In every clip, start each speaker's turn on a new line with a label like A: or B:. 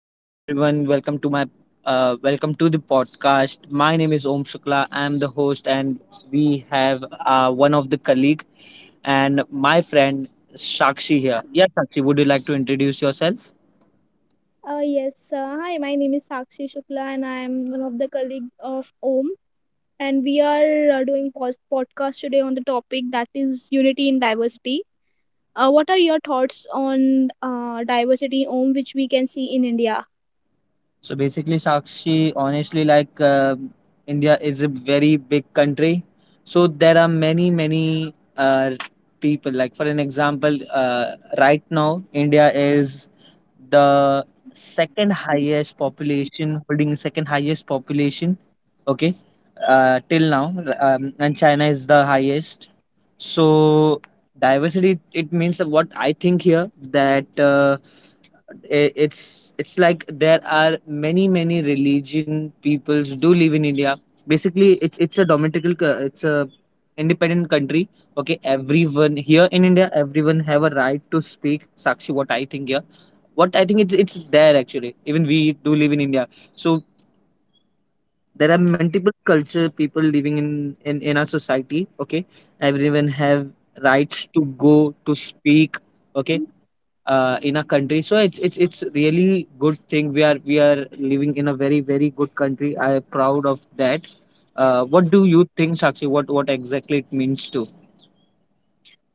A: welcome everyone. Welcome to the podcast. My name is Om Shukla. I'm the host, and we have one of the colleague and my friend Shakshi here. Yeah, Shakshi, would you like to introduce yourself?
B: Yes. Hi, my name is Sakshi Shukla, and I am one of the colleagues of OM. And we are doing podcast today on the topic that is unity in diversity. What are your thoughts on diversity, OM, which we can see in India?
A: So basically, Sakshi, honestly, like India is a very big country. So there are many, many people. Like, for an example, right now, India is the second highest population, holding second highest population, okay, till now, and China is the highest. So diversity, it means that what I think here that uh, it's like there are many religion peoples do live in India. Basically, it's a independent country. Okay, everyone here in India, everyone have a right to speak. Sakshi, what I think it's there actually. Even we do live in India, so there are multiple culture people living in our society. Okay, everyone have rights to go to speak. Okay, in a country, so it's really good thing. We are living in a very very good country. I am proud of that. What do you think, Sakshi? What exactly it means to?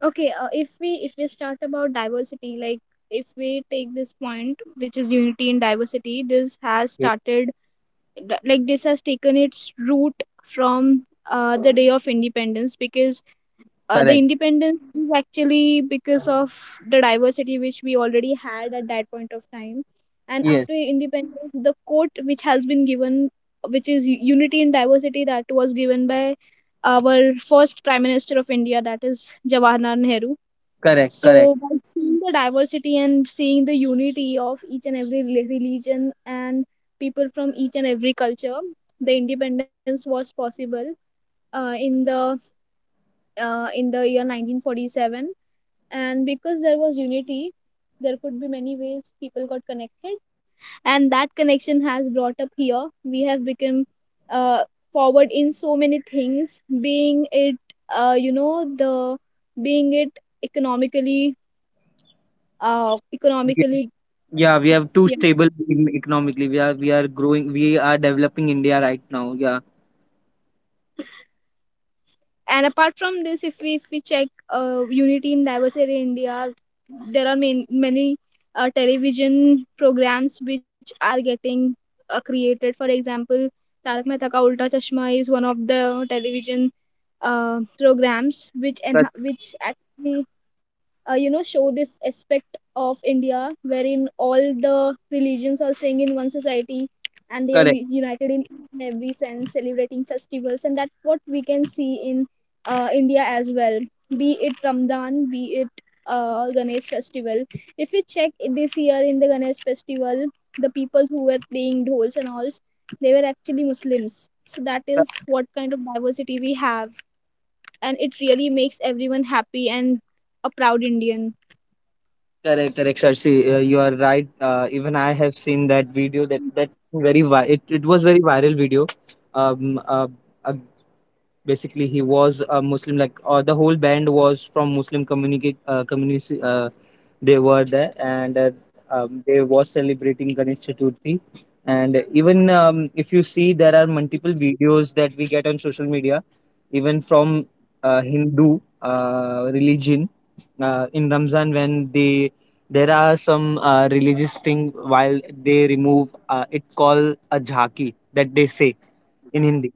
B: Okay. If we start about diversity, like if we take this point, which is unity in diversity, this has
A: Okay.
B: like this has taken its root from the day of independence, because the
A: Correct.
B: independence is actually because of the diversity which we already had at that point of time, and
A: Yes.
B: after independence the quote which has been given, which is unity in diversity, that was given by our first prime minister of India, that is Jawaharlal Nehru.
A: Correct.
B: So
A: Correct.
B: by seeing the diversity and seeing the unity of each and every religion, and people from each and every culture, the independence was possible uh, in the in the year 1947. And because there was unity, there could be many ways people got connected, and that connection has brought up here, we have become uh, forward in so many things, being it you know the being it economically economically.
A: Yeah, we have too
B: Yeah.
A: stable economically. We are growing. We are developing India right now. Yeah.
B: And apart from this, if we check unity in diversity in India, there are many television programs which are getting created, for example Tarak Mehta Ka Ulta Chashma is one of the television uh, programs
A: Cor-
B: which actually show this aspect of India, wherein all the religions are staying in one society and they are
A: correct,
B: united in every sense, celebrating festivals. And that's what we can see in India as well, be it Ramadan, be it Ganesh festival. If we check, this year in the Ganesh festival, the people who were playing dhols and alls, they were actually Muslims. So that is
A: cor-
B: what kind of diversity we have, and it really makes everyone happy and a proud Indian.
A: correct, correct. Sharshi, you are right. Even I have seen that video. That that very vi- it was very viral video. Um, uh, uh, basically, he was a Muslim. Like the whole band was from Muslim communicate community, they were there, and they was celebrating Ganesh Chaturthi. And even if you see, there are multiple videos that we get on social media, even from Hindu religion, in Ramzan, when they there are some religious thing while they remove it called a jhaki that they say in Hindi.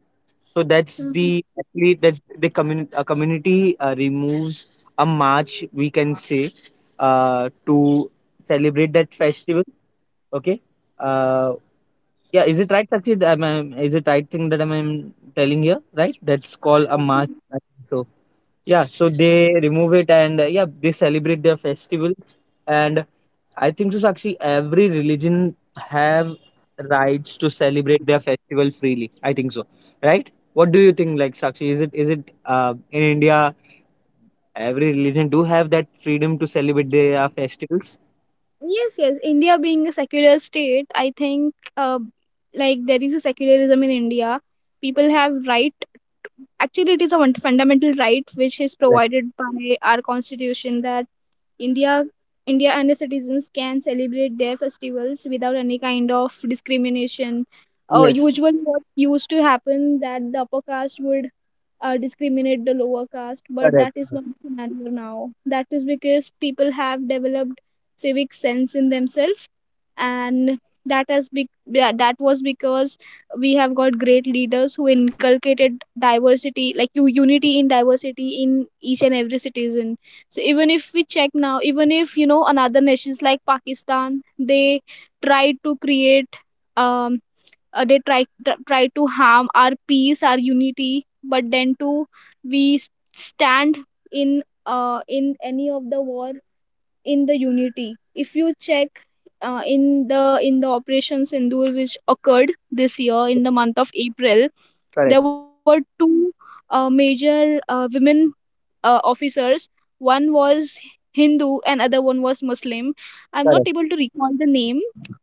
A: So that's the
B: Mhm.
A: actually that's the community removes a march, we can say, to celebrate that festival. Okay. Uh, yeah, is it right, Sachit? Is it right thing that I'm telling here? Right? That's called a march, I think. So yeah, so they remove it and yeah, they celebrate their festival. And I think so, Sakshi, every religion have rights to celebrate their festival freely. I think so, right? What do you think, like Sakshi? Is it in India every religion do have that freedom to celebrate their festivals?
B: Yes, yes. India being a secular state, I think, like, there is a secularism in India. People have right. Actually, it is a fundamental right which is
A: Correct.
B: provided by our constitution, that India, India and the citizens can celebrate their festivals without any kind of discrimination.
A: Yes,
B: Usually, what used to happen that the upper caste would discriminate the lower caste, but
A: correct,
B: that is not
A: correct,
B: the scenario now. That is because people have developed civic sense in themselves, and yeah, that was because we have got great leaders who inculcated diversity, like you unity in diversity in each and every citizen. So even if we check now, even if you know, another nations like Pakistan, they try to create. Um, they try to harm our peace, our unity, but then too we stand in in any of the war, in the unity. If you check, in the Operation Sindur which occurred this year in the month of April, there
A: correct,
B: were two major women officers. One was Hindu and other one was Muslim. I'm not
A: correct.
B: able to recall the name,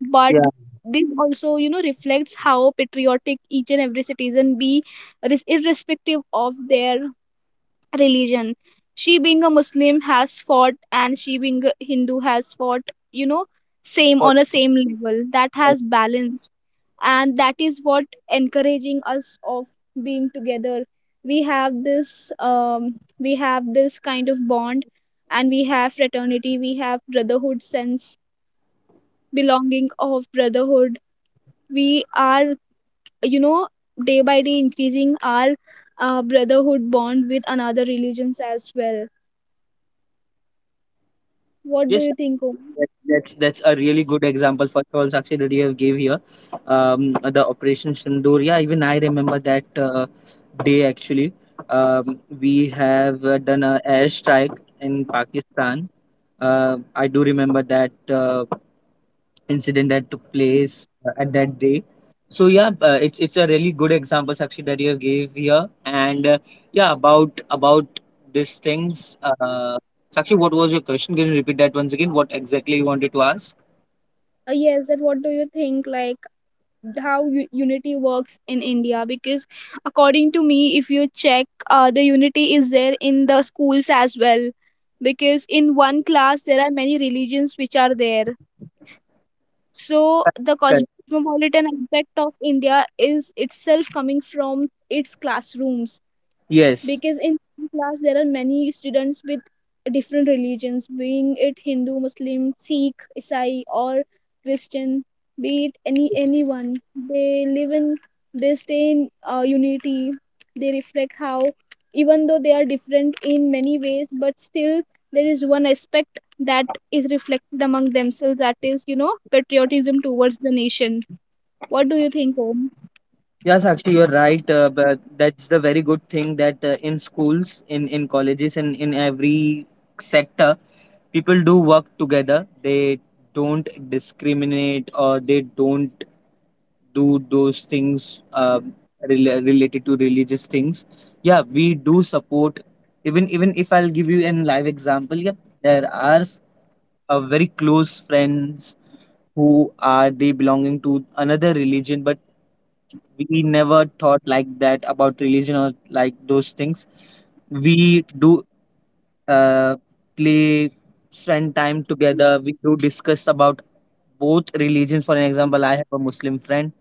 B: but
A: Yeah.
B: this also, reflects how patriotic each and every citizen be, irrespective of their religion. She being a Muslim has fought, and she being a Hindu has fought, same
A: for
B: on a same level. That has balanced, and that is what encouraging us of being together. We have this kind of bond, and we have fraternity, we have brotherhood sense, belonging of brotherhood. We are, you know, day by day increasing our brotherhood bond with another religions as well. What do
A: Yes,
B: you
A: sir.
B: think, Om?
A: That's a really good example for all, Sakshi, that you have gave here. The Operation Sindoor. Yeah, even I remember that day actually. We have done a airstrike in Pakistan. I do remember that. Incident that took place at that day. So yeah, it's a really good example, Sakshi, that you gave here. And yeah, about these things, Sakshi, what was your question? Can you repeat that once again? What exactly you wanted to ask?
B: Yes, that what do you think, like how unity works in India? Because according to me, if you check, the unity is there in the schools as well, because in one class there are many religions which are there. So the
A: Correct.
B: cosmopolitan aspect of India is itself coming from its classrooms,
A: Yes.
B: because in class there are many students with different religions, being it Hindu, Muslim, Sikh, Isai or Christian, be it anyone. They live in they stay in unity. They reflect how, even though they are different in many ways, but still there is one aspect that is reflected among themselves, that is, you know, patriotism towards the nation. What do you think, Om?
A: Yes, actually, you're right. But that's the very good thing that in schools, in colleges, and in every sector, people do work together. They don't discriminate or they don't do those things related to religious things. Yeah, we do support. Even if I'll give you an live example, yeah, there are very close friends who are they belonging to another religion, but we never thought like that about religion or like those things. We do uh, play, spend time together. We do discuss about both religions. For an example, I have a Muslim friend.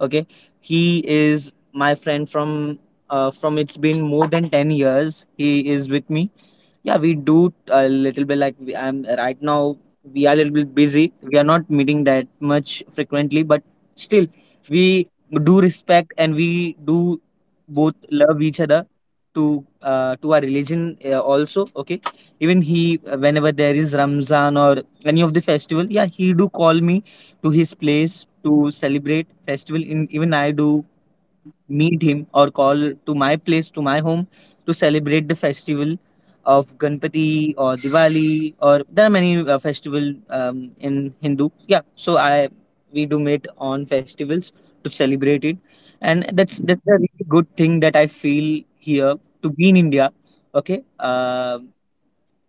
A: Okay, he is my friend from it's been more than 10 years he is with me. Yeah, we do a little bit, like I'm right now, we are a little bit busy. We are not meeting that much frequently, but still we do respect and we do both love each other, to our religion also. Okay, even he, whenever there is Ramzan or any of the festival, yeah, he do call me to his place to celebrate festival. In even I do meet him or call to my place, to my home, to celebrate the festival of Ganpati or Diwali, or there are many festival, in Hindu. Yeah, so I, we do meet on festivals to celebrate it, and that's a really good thing that I feel here to be in India. Okay. Um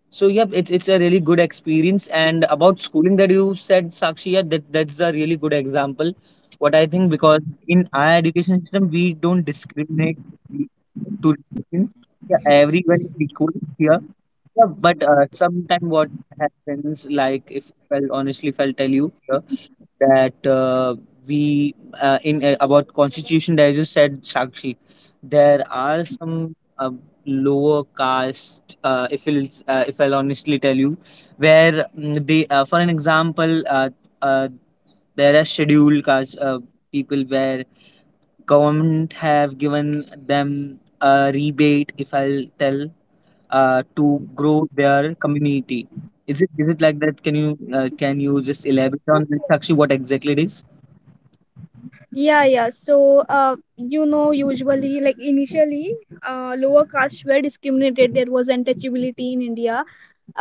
A: so yep, it's a really good experience. And about schooling that you said, Sakshi, yeah, that that's a really good example. What I think, because in our education system we don't discriminate to religions. Yeah, everyone is equal here. Yeah, but sometimes what happens, like if, well, honestly, if I'll tell you here that we, in, about constitution there, you said, Sakshi, there are some uh, lower caste, if I'll honestly tell you where they, for an example, uh, there are scheduled caste people where government have given them a rebate, if I'll tell, to grow their community. Is it, is it like that? Can you can you just elaborate on this actually, what exactly it is?
B: Yeah, yeah. So, you know, usually, like initially, lower castes were discriminated. There was untouchability in India,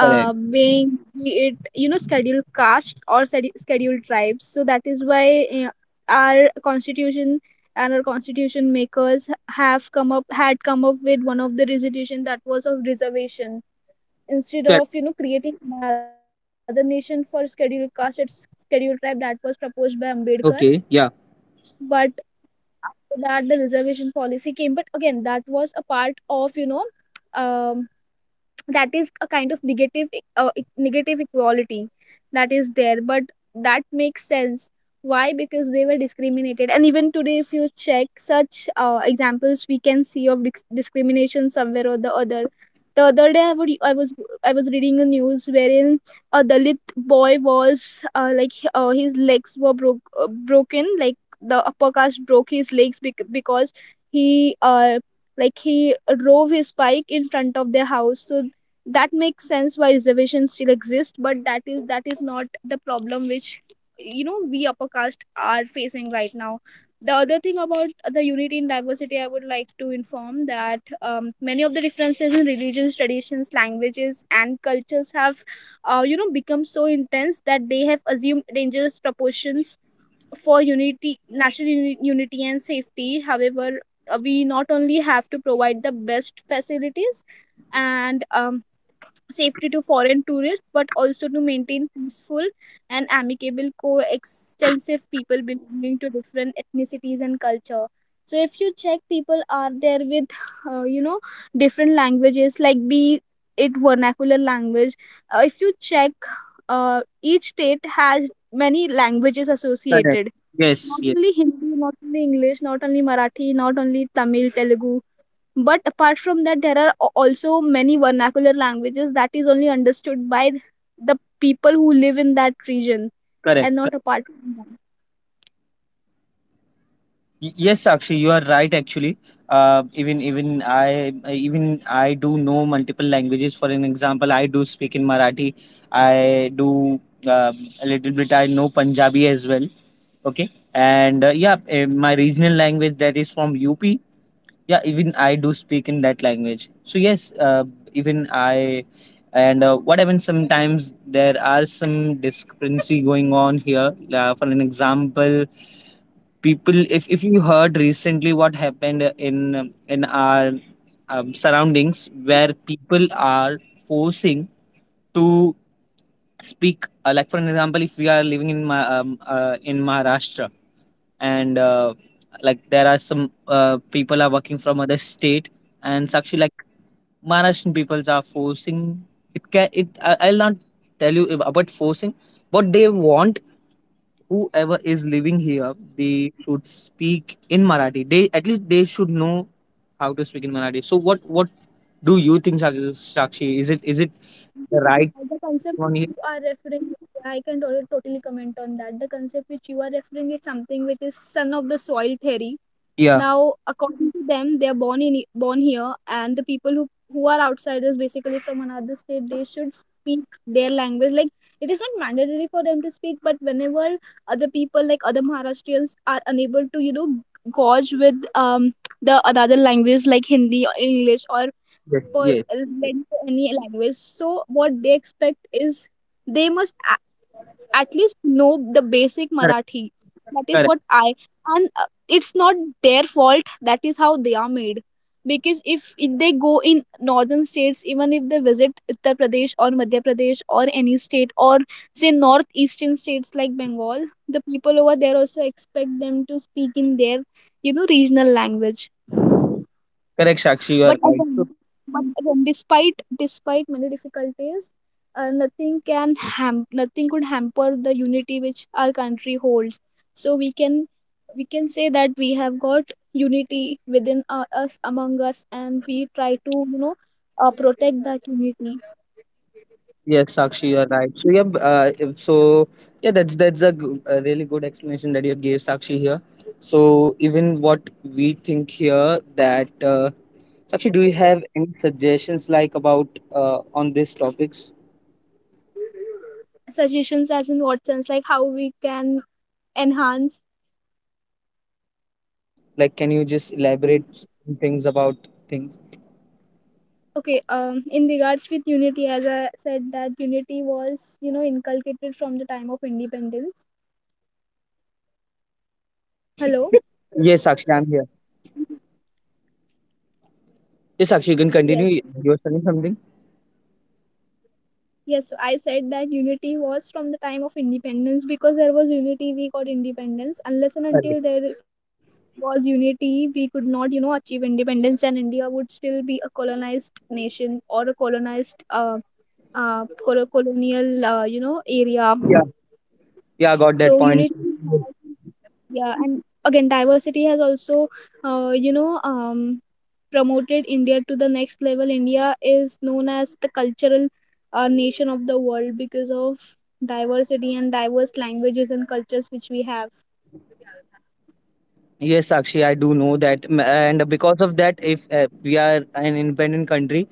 A: Correct.
B: being be it, you know, scheduled castes or scheduled tribes. So that is why our constitution, and our constitution makers have come up had come up with one of the resolution that was of reservation, instead
A: Correct.
B: of, you know, creating another nation for scheduled caste, it's scheduled tribe, that was proposed by Ambedkar.
A: Okay, yeah.
B: But after that the reservation policy came, but again that was a part of, you know, um, that is a kind of negative equality that is there. But that makes sense, why, because they were discriminated, and even today if you check, such examples we can see of discrimination somewhere or the other. The other day I was reading a news wherein a Dalit boy was his legs were broken, like the upper caste broke his legs, because he like he drove his bike in front of their house. So that makes sense why reservations still exist. But that is not the problem which, you know, we upper caste are facing right now. The other thing about the unity in diversity, I would like to inform that many of the differences in religions, traditions, languages and cultures have become so intense that they have assumed dangerous proportions for unity, national unity and safety. However, we not only have to provide the best facilities and safety to foreign tourists, but also to maintain peaceful and amicable coextensive people belonging to different ethnicities and culture. So if you check, people are there with, you know, different languages, like be it vernacular language. If you check, each state has many languages
A: Correct.
B: associated,
A: Yes.
B: not
A: Yes.
B: only Hindi, not only English, not only Marathi, not only Tamil, Telugu, but apart from that, there are also many vernacular languages that is only understood by the people who live in that region and
A: Correct.
B: not apart from them.
A: Y- Yes, Sakshi, you are right. Actually, even I do know multiple languages. For an example, I do speak in Marathi. I do uh, a little bit. I know Punjabi as well. Okay, and my regional language that is from UP. Yeah, even I do speak in that language. So yes, even I. And what happens sometimes, there are some discrepancy going on here. For an example, people, if you heard recently what happened in our surroundings, where people are forcing to speak, like, for an example, if we are living in in Maharashtra, and like there are some people are working from other state, and Sakshi, like Maharashtrian peoples are forcing, it can, it I, I'll not tell you about forcing what they want. Whoever is living here, they should speak in Marathi. They, at least, they should know how to speak in Marathi. So what do you think, Sakshi? Is it, is it the right
B: The concept which
A: one
B: you
A: here?
B: are referring to, I can totally comment on that. The concept which you are referring is something which is son of the soil theory.
A: Yeah.
B: Now, according to them, they are born here, and the people who are outsiders, basically from another state, they should speak their language. Like, it is not mandatory for them to speak, but whenever other people, like other Maharashtrians, are unable to, you know, gauge with the another language like Hindi or English or
A: Yes.
B: for
A: Yes. Yes.
B: led to any language. So what they expect is they must at least know the basic
A: Correct.
B: Marathi. That is
A: Correct.
B: what I, and it's not their fault, that is how they are made, because if they go in northern states, even if they visit Uttar Pradesh or Madhya Pradesh or any state, or say northeastern states like Bengal, the people over there also expect them to speak in their, you know, regional language.
A: Correct, Sakshi, you are
B: but
A: right.
B: again,
A: So,
B: but again, despite many difficulties, nothing could hamper the unity which our country holds. So we can say that we have got unity within us among us, and we try to, you know, protect that unity.
A: yes, Sakshi, you are right. So yeah. If, so yeah, a really good explanation that you gave, Sakshi, here. So even what we think here, that Sakshi, do you have any suggestions like, about on these topics?
B: Suggestions as in what sense, like how we can enhance.
A: Like, can you just elaborate some things about things?
B: Okay, in regards with unity, as I said, that unity was, you know, inculcated from the time of independence. Hello?
A: Yes, Sakshi, I'm here. Yes, Sakshi, you can
B: Yes.
A: continue. You were saying something?
B: Yes, so I said that unity was from the time of independence. Because there was unity, we got independence. Unless and
A: Sorry.
B: until there was unity, we could not, you know, achieve independence, and India would still be a colonized nation, or a colonized, colonial, you know, area.
A: Yeah, yeah, I got that
B: So
A: point.
B: unity, yeah, and again, diversity has also, uh, you know, um, promoted India to the next level. India is known as the cultural nation of the world because of diversity and diverse languages and cultures which we have.
A: Yes, Sakshi, I do know that, M- and because of that, if we are an independent country,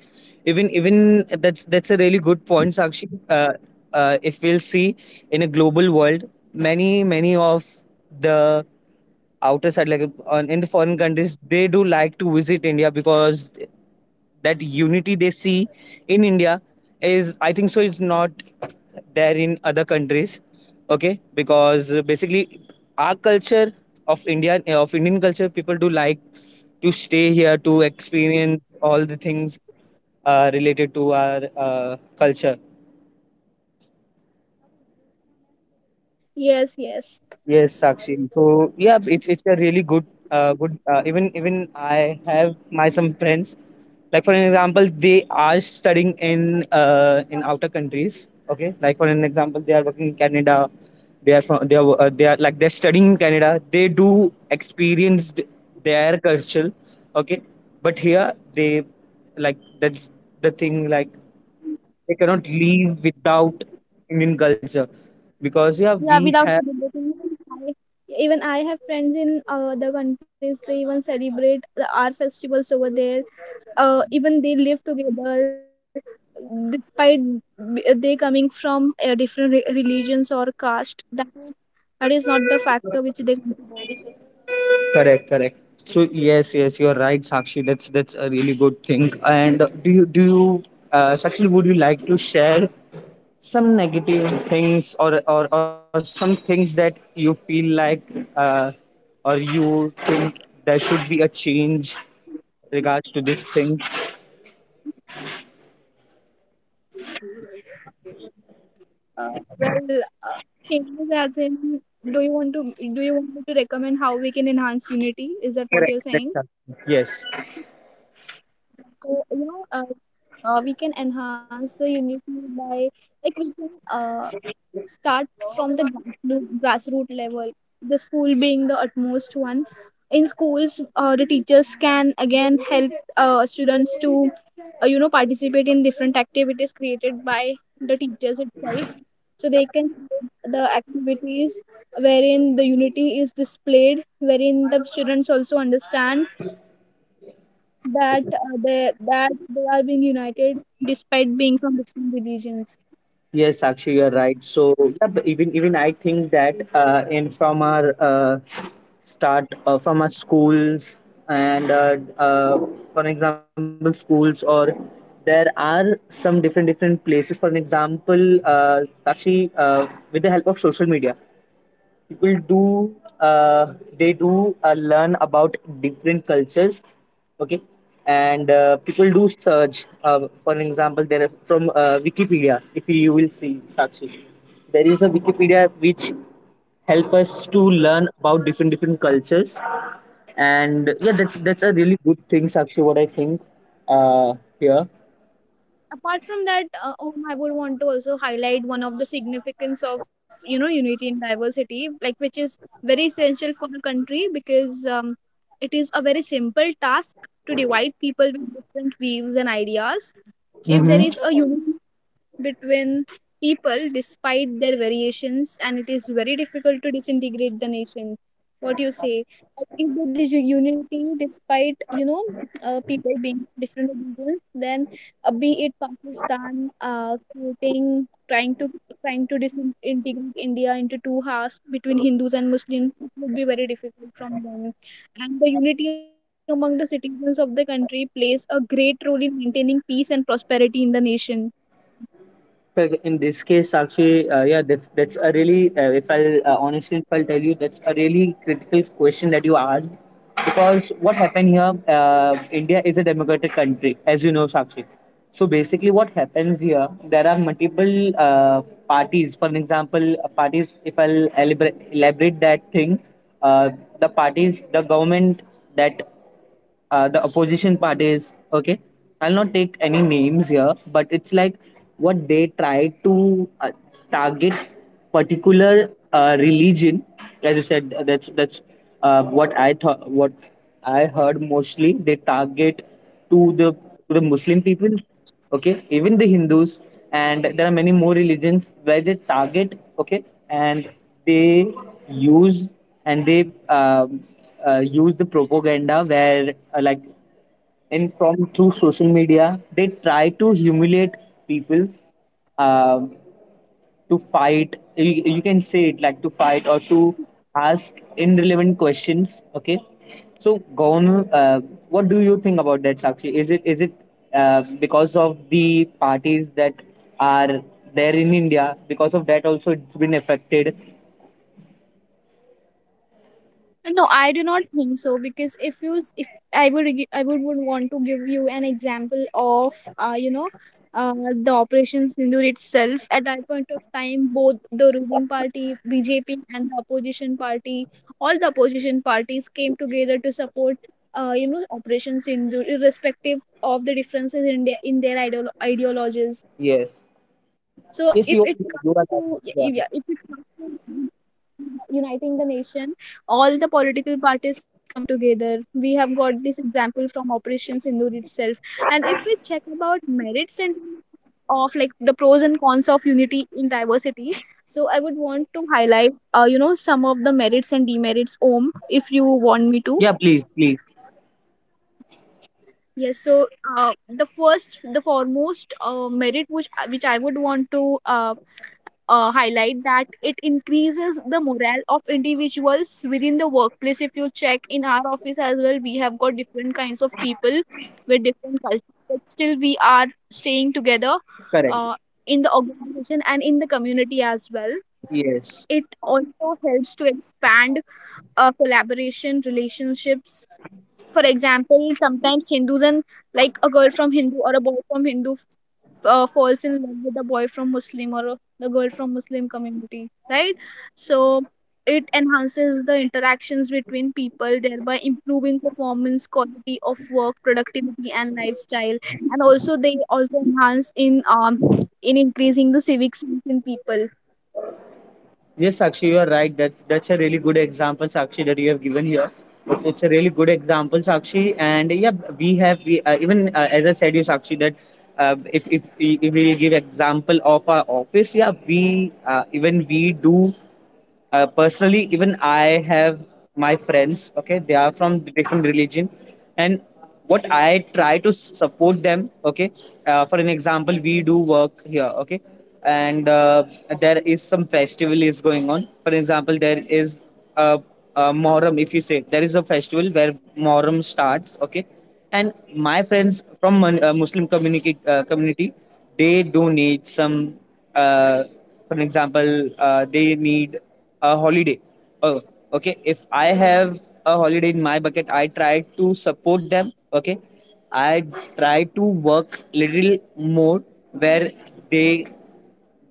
A: even that's a really good point, Sakshi. If we'll see in a global world, many, many of the outer side, like on, in the foreign countries, they do like to visit India, because that unity they see in India is, I think so, is not there in other countries. Okay, because basically our culture of India, of Indian culture, people do like to stay here to experience all the things related to our culture.
B: Yes, yes.
A: Yes, Sakshi. So yeah, it's a really good, good. Even even I have my some friends. Like, for an example, they are studying in outer countries. Okay, like, for an example, they are working in Canada. They are from, they are they are, like, they're studying in Canada. They do experience their culture. Okay, but here they, like, that's the thing. Like, they cannot live without Indian culture, because yeah
B: Yeah,
A: we
B: without
A: have.
B: celebrating. I, Even I have friends in other countries. They even celebrate our festivals over there. Even they live together, despite they coming from different religions or caste. That is not the factor which they consider.
A: Correct, correct. So yes, yes, you're right, Sakshi. That's a really good thing. And do you, do you, Sakshi, would you like to share some negative things, or some things that you feel like uh, or you think there should be a change regards to these things?
B: Uh, well, uh, changes as in, do you want to do you want me to recommend how we can enhance unity? Is that what you're saying?
A: Yes.
B: So you know, we can enhance the unity by, like, we can, start from the grassroots level, the school being the utmost one. In schools, the teachers can again help students to, you know, participate in different activities created by the teachers itself, so they can, the activities wherein the unity is displayed, wherein the students also understand that, they are being united despite being from different religions.
A: Yes, Sakshi, you're right. So yeah, but even even I think that in, from our start, from our schools, and for example schools, or there are some different, different places. For an example, Sakshi, with the help of social media, people do they do learn about different cultures. Okay. And people do search, for example, there are from Wikipedia. If you will see, Sakshi, there is a Wikipedia which help us to learn about different different cultures. And yeah, that's a really good thing, Sakshi, what I think, uh, here.
B: Apart from that, I would want to also highlight one of the significance of, you know, unity and diversity, like, which is very essential for the country, because, it is a very simple task to divide people with different views and ideas. If there
A: Mm-hmm.
B: is a unity between people despite their variations, and it is very difficult to disintegrate the nation, what do you say? Like, if there is a unity despite, you know, people being different religions, then, be it Pakistan creating, trying to trying to disintegrate India into two halves between Hindus and Muslims, it would be very difficult from them. And the unity among the citizens of the country plays a great role in maintaining peace and prosperity in the nation.
A: Well, in this case, actually, yeah, that's a really, if I'll honestly, if I'll tell you, that's a really critical question that you asked. Because what happened here, India is a democratic country, as you know, Sakshi. So basically, what happens here, there are multiple parties. For an example, parties. If I'll elaborate that thing, uh, the parties, the government that the opposition parties. Okay, I'll not take any names here, but it's like what they try to, target particular religion. As I said, that's what I thought, what I heard, mostly they target to the Muslim people, okay, even the Hindus, and there are many more religions where they target, okay. And they use, and they use the propaganda where, like, and from through social media, they try to humiliate people, um, to fight. You you can say it like, to fight or to ask irrelevant questions. Okay, so governor, what do you think about that, Sakshi? Is it because of the parties that are there in India, because of that also it's been affected?
B: No, I do not think so, because if you s- if I would I would want to give you an example of, you know, uh, the Operation Sindoor itself. At that point of time, both the ruling party BJP and the opposition party, all the opposition parties, came together to support, you know, Operation Sindoor, irrespective of the differences in their
A: Yes.
B: ideologies. So if it
A: yes you, are,
B: comes
A: you
B: to,
A: are
B: yeah,
A: right.
B: if
A: Yeah.
B: it comes to uniting the nation, all the political parties come together. We have got this example from Operation Sindoor itself. And if we check about merits and, of, like, the pros and cons of unity in diversity, so I would want to highlight, you know, some of the merits and demerits, om, if you want me
A: Yeah,
B: to.
A: please, please.
B: Yes. So, uh, the first, the foremost, merit which I would want to uh, highlight, that it increases the morale of individuals within the workplace. If you check in our office as well, we have got different kinds of people with different cultures, but still we are staying together
A: Correct.
B: uh, in the organization and in the community as well.
A: Yes.
B: It also helps to expand collaboration relationships. For example, sometimes Hindus and, like, a girl from Hindu or a boy from Hindu falls in love with a boy from Muslim or a, the girl from Muslim community, right? So it enhances the interactions between people, thereby improving performance, quality of work, productivity and lifestyle. And also they also enhance in, um, in increasing the civic sense in people.
A: Yes, Sakshi, you are right. That's a really good example, Sakshi, that you have given here. It's a really good example, Sakshi. And yeah, we have we even as I said, you, Sakshi, that if we give example of our office, yeah, we even we do, personally, even I have my friends, okay. They are from different religion, and what I try to support them. Okay, for an example, we do work here, okay. And there is some festival is going on. For example, there is a, a Moram, if you say, there is a festival where Moram starts, okay. And my friends from Muslim community community, they donate some, uh, for example, they need a holiday. Oh, okay. If I have a holiday in my bucket, I try to support them. Okay, I try to work little more where they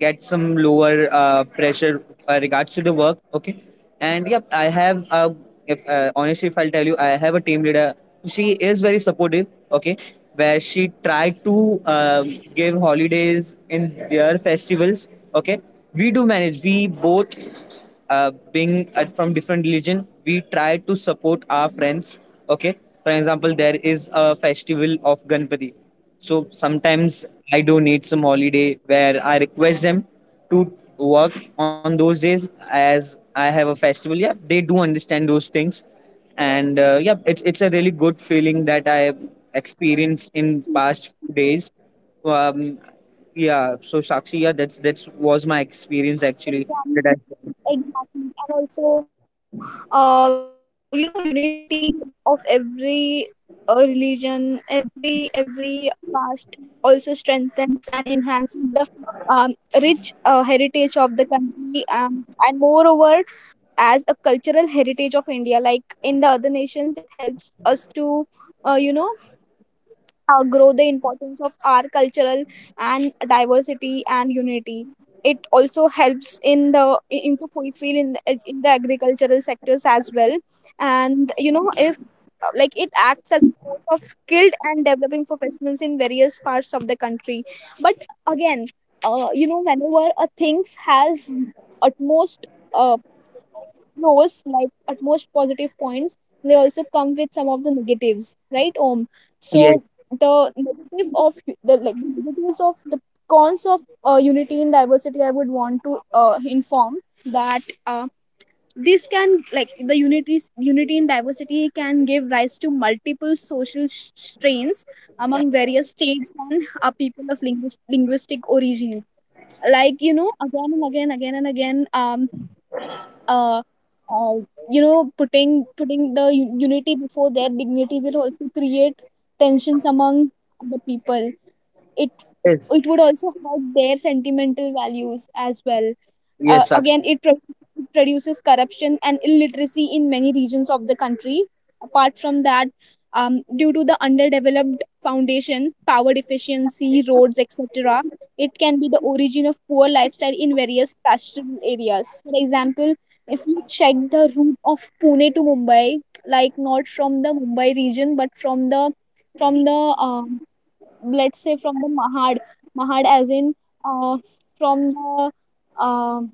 A: get some lower pressure regards to the work. Okay, and yep, I have a. If, honestly, if I'll tell you, I have a team leader. She is very supportive. Okay, where she tried to, give holidays in their festivals. Okay, we do manage. We both being from different religion, we try to support our friends, okay. For example, there is a festival of Ganpati, so sometimes I do need some holiday where I request them to work on those days, as I have a festival. Yeah, they do understand those things. And yeah, it's a really good feeling that I have experienced in past few days. um yeah, so Sakshi, yeah, that's was my experience actually that I.
B: Exactly. And also, you know, unity of every religion, every caste also strengthens and enhances the, um, rich heritage of the country. And moreover, as a cultural heritage of India, like in the other nations, it helps us to, you know, grow the importance of our cultural and diversity and unity. It also helps in the, in to fulfill in the agricultural sectors as well. And you know, if, like, it acts as a source of skilled and developing professionals in various parts of the country. But again, you know, whenever a things has utmost uh, knows, like, at most positive points, they also come with some of the negatives, right? Om, so
A: Yes.
B: the negative of u- the like the negatives of the cons of unity and diversity, I would want to inform that, this can, like, the unity unity and diversity can give rise to multiple social strains among various states and, people of linguistic origin. Like, you know, again and again, uh, uh, you know, putting the unity before their dignity will also create tensions among the people. It
A: Yes.
B: it would also hurt their sentimental values as well.
A: Yes, Sakshi.
B: Again, it produces corruption and illiteracy in many regions of the country. Apart from that, due to the underdeveloped foundation, power deficiency, roads, etc., it can be the origin of poor lifestyle in various pastoral areas. For example, if you check the route of Pune to Mumbai, like not from the Mumbai region, but from the from the um, let's say from the Mahad, Mahad as in, uh, from the, um,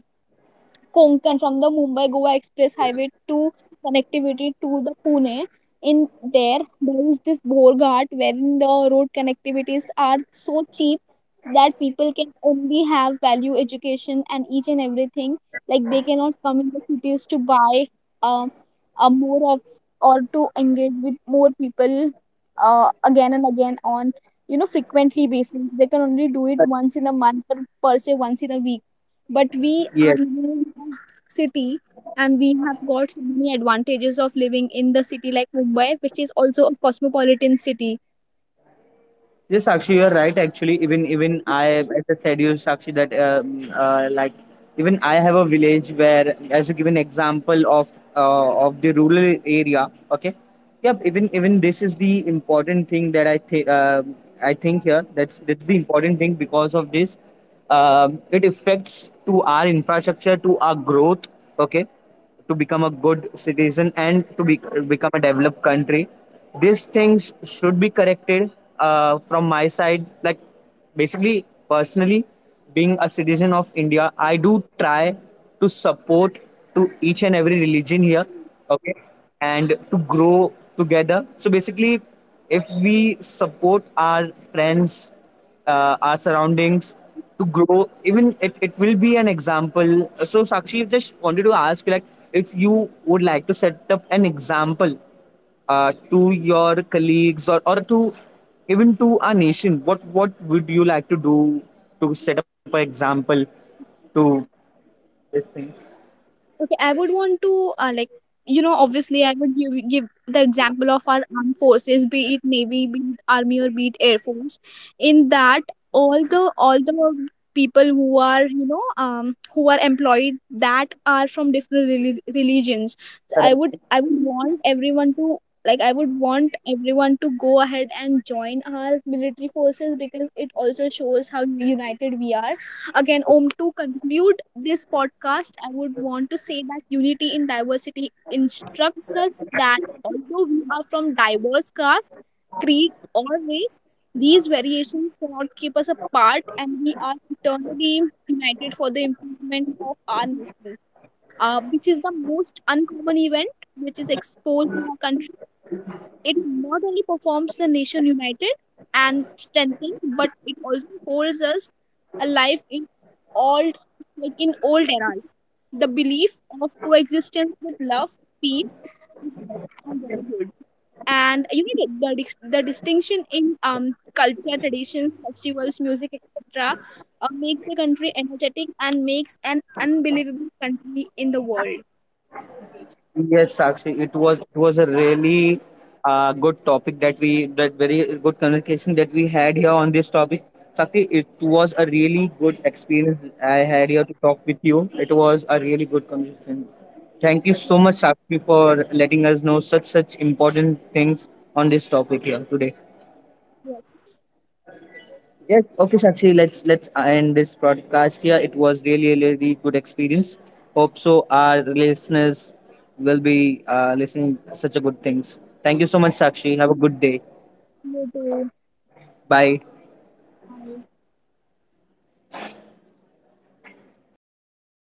B: Konkan, from the Mumbai Goa Express Highway to connectivity to the Pune. In there, there is this Borghat wherein the road connectivities are so cheap that people can only have value education and each and everything. Like they cannot come in the cities to buy, um, a more of, or to engage with more people again and again on, you know, frequently basis. They can only do it once in a month or, per se, once in a week. But
A: Yes.
B: we are living in a city and we have got so many advantages of living in the city like Mumbai, which is also a cosmopolitan city.
A: Yes, Sakshi, you're right. Actually, even even I, as I said, you, Sakshi, that like, even I have a village where, as you give an example of, of the rural area. Okay, yep, even even this is the important thing that I think, I think here. That's the important thing. Because of this, it affects to our infrastructure, to our growth. Okay, to become a good citizen, and to be, become a developed country, these things should be corrected. From my side, like, basically, personally, being a citizen of India, I do try to support to each and every religion here, okay, and to grow together. So basically, if we support our friends, our surroundings to grow, even it will be an example. So Sakshi, just wanted to ask, like, if you would like to set up an example to your colleagues, or to even to our nation, what would you like to do to set up an example to these things?
B: Okay, I would want to, like, you know, obviously I would give the example of our armed forces, be it navy, be it army, or be it air force. In that, all the people who are, you know, um, who are employed, that are from different religions. So
A: Correct.
B: I would want everyone to, like, I would want everyone to go ahead and join our military forces, because it also shows how united we are. Again, om, to conclude this podcast, I would want to say that unity in diversity instructs us that, although we are from diverse caste, creed, or race, these variations cannot keep us apart, and we are eternally united for the improvement of our nation. Uh, this is the most uncommon event which is exposed in our country. It not only performs the nation united and strengthened, but it also holds us alive in old, like in old eras. The belief of coexistence with love, peace, respect, and brotherhood. And you know the, the distinction in, um, culture, traditions, festivals, music, etc. Makes the country energetic and makes an unbelievable country in the world.
A: Yes, Sakshi, it was a really, good topic that we that very good communication that we had here on this topic. Sakshi, it was a really good experience I had here to talk with you. It was a really good conversation. Thank you so
B: Yes,
A: much, Sakshi, for letting us know such such important things on this topic here today.
B: yes.
A: Yes, okay, Sakshi. Let's end this podcast here. It was really, really, really good experience. Hope so. Our listeners will be listening such a good things. Thank you so much, Sakshi. Have a good day.
B: You too.
A: Bye.
B: Bye.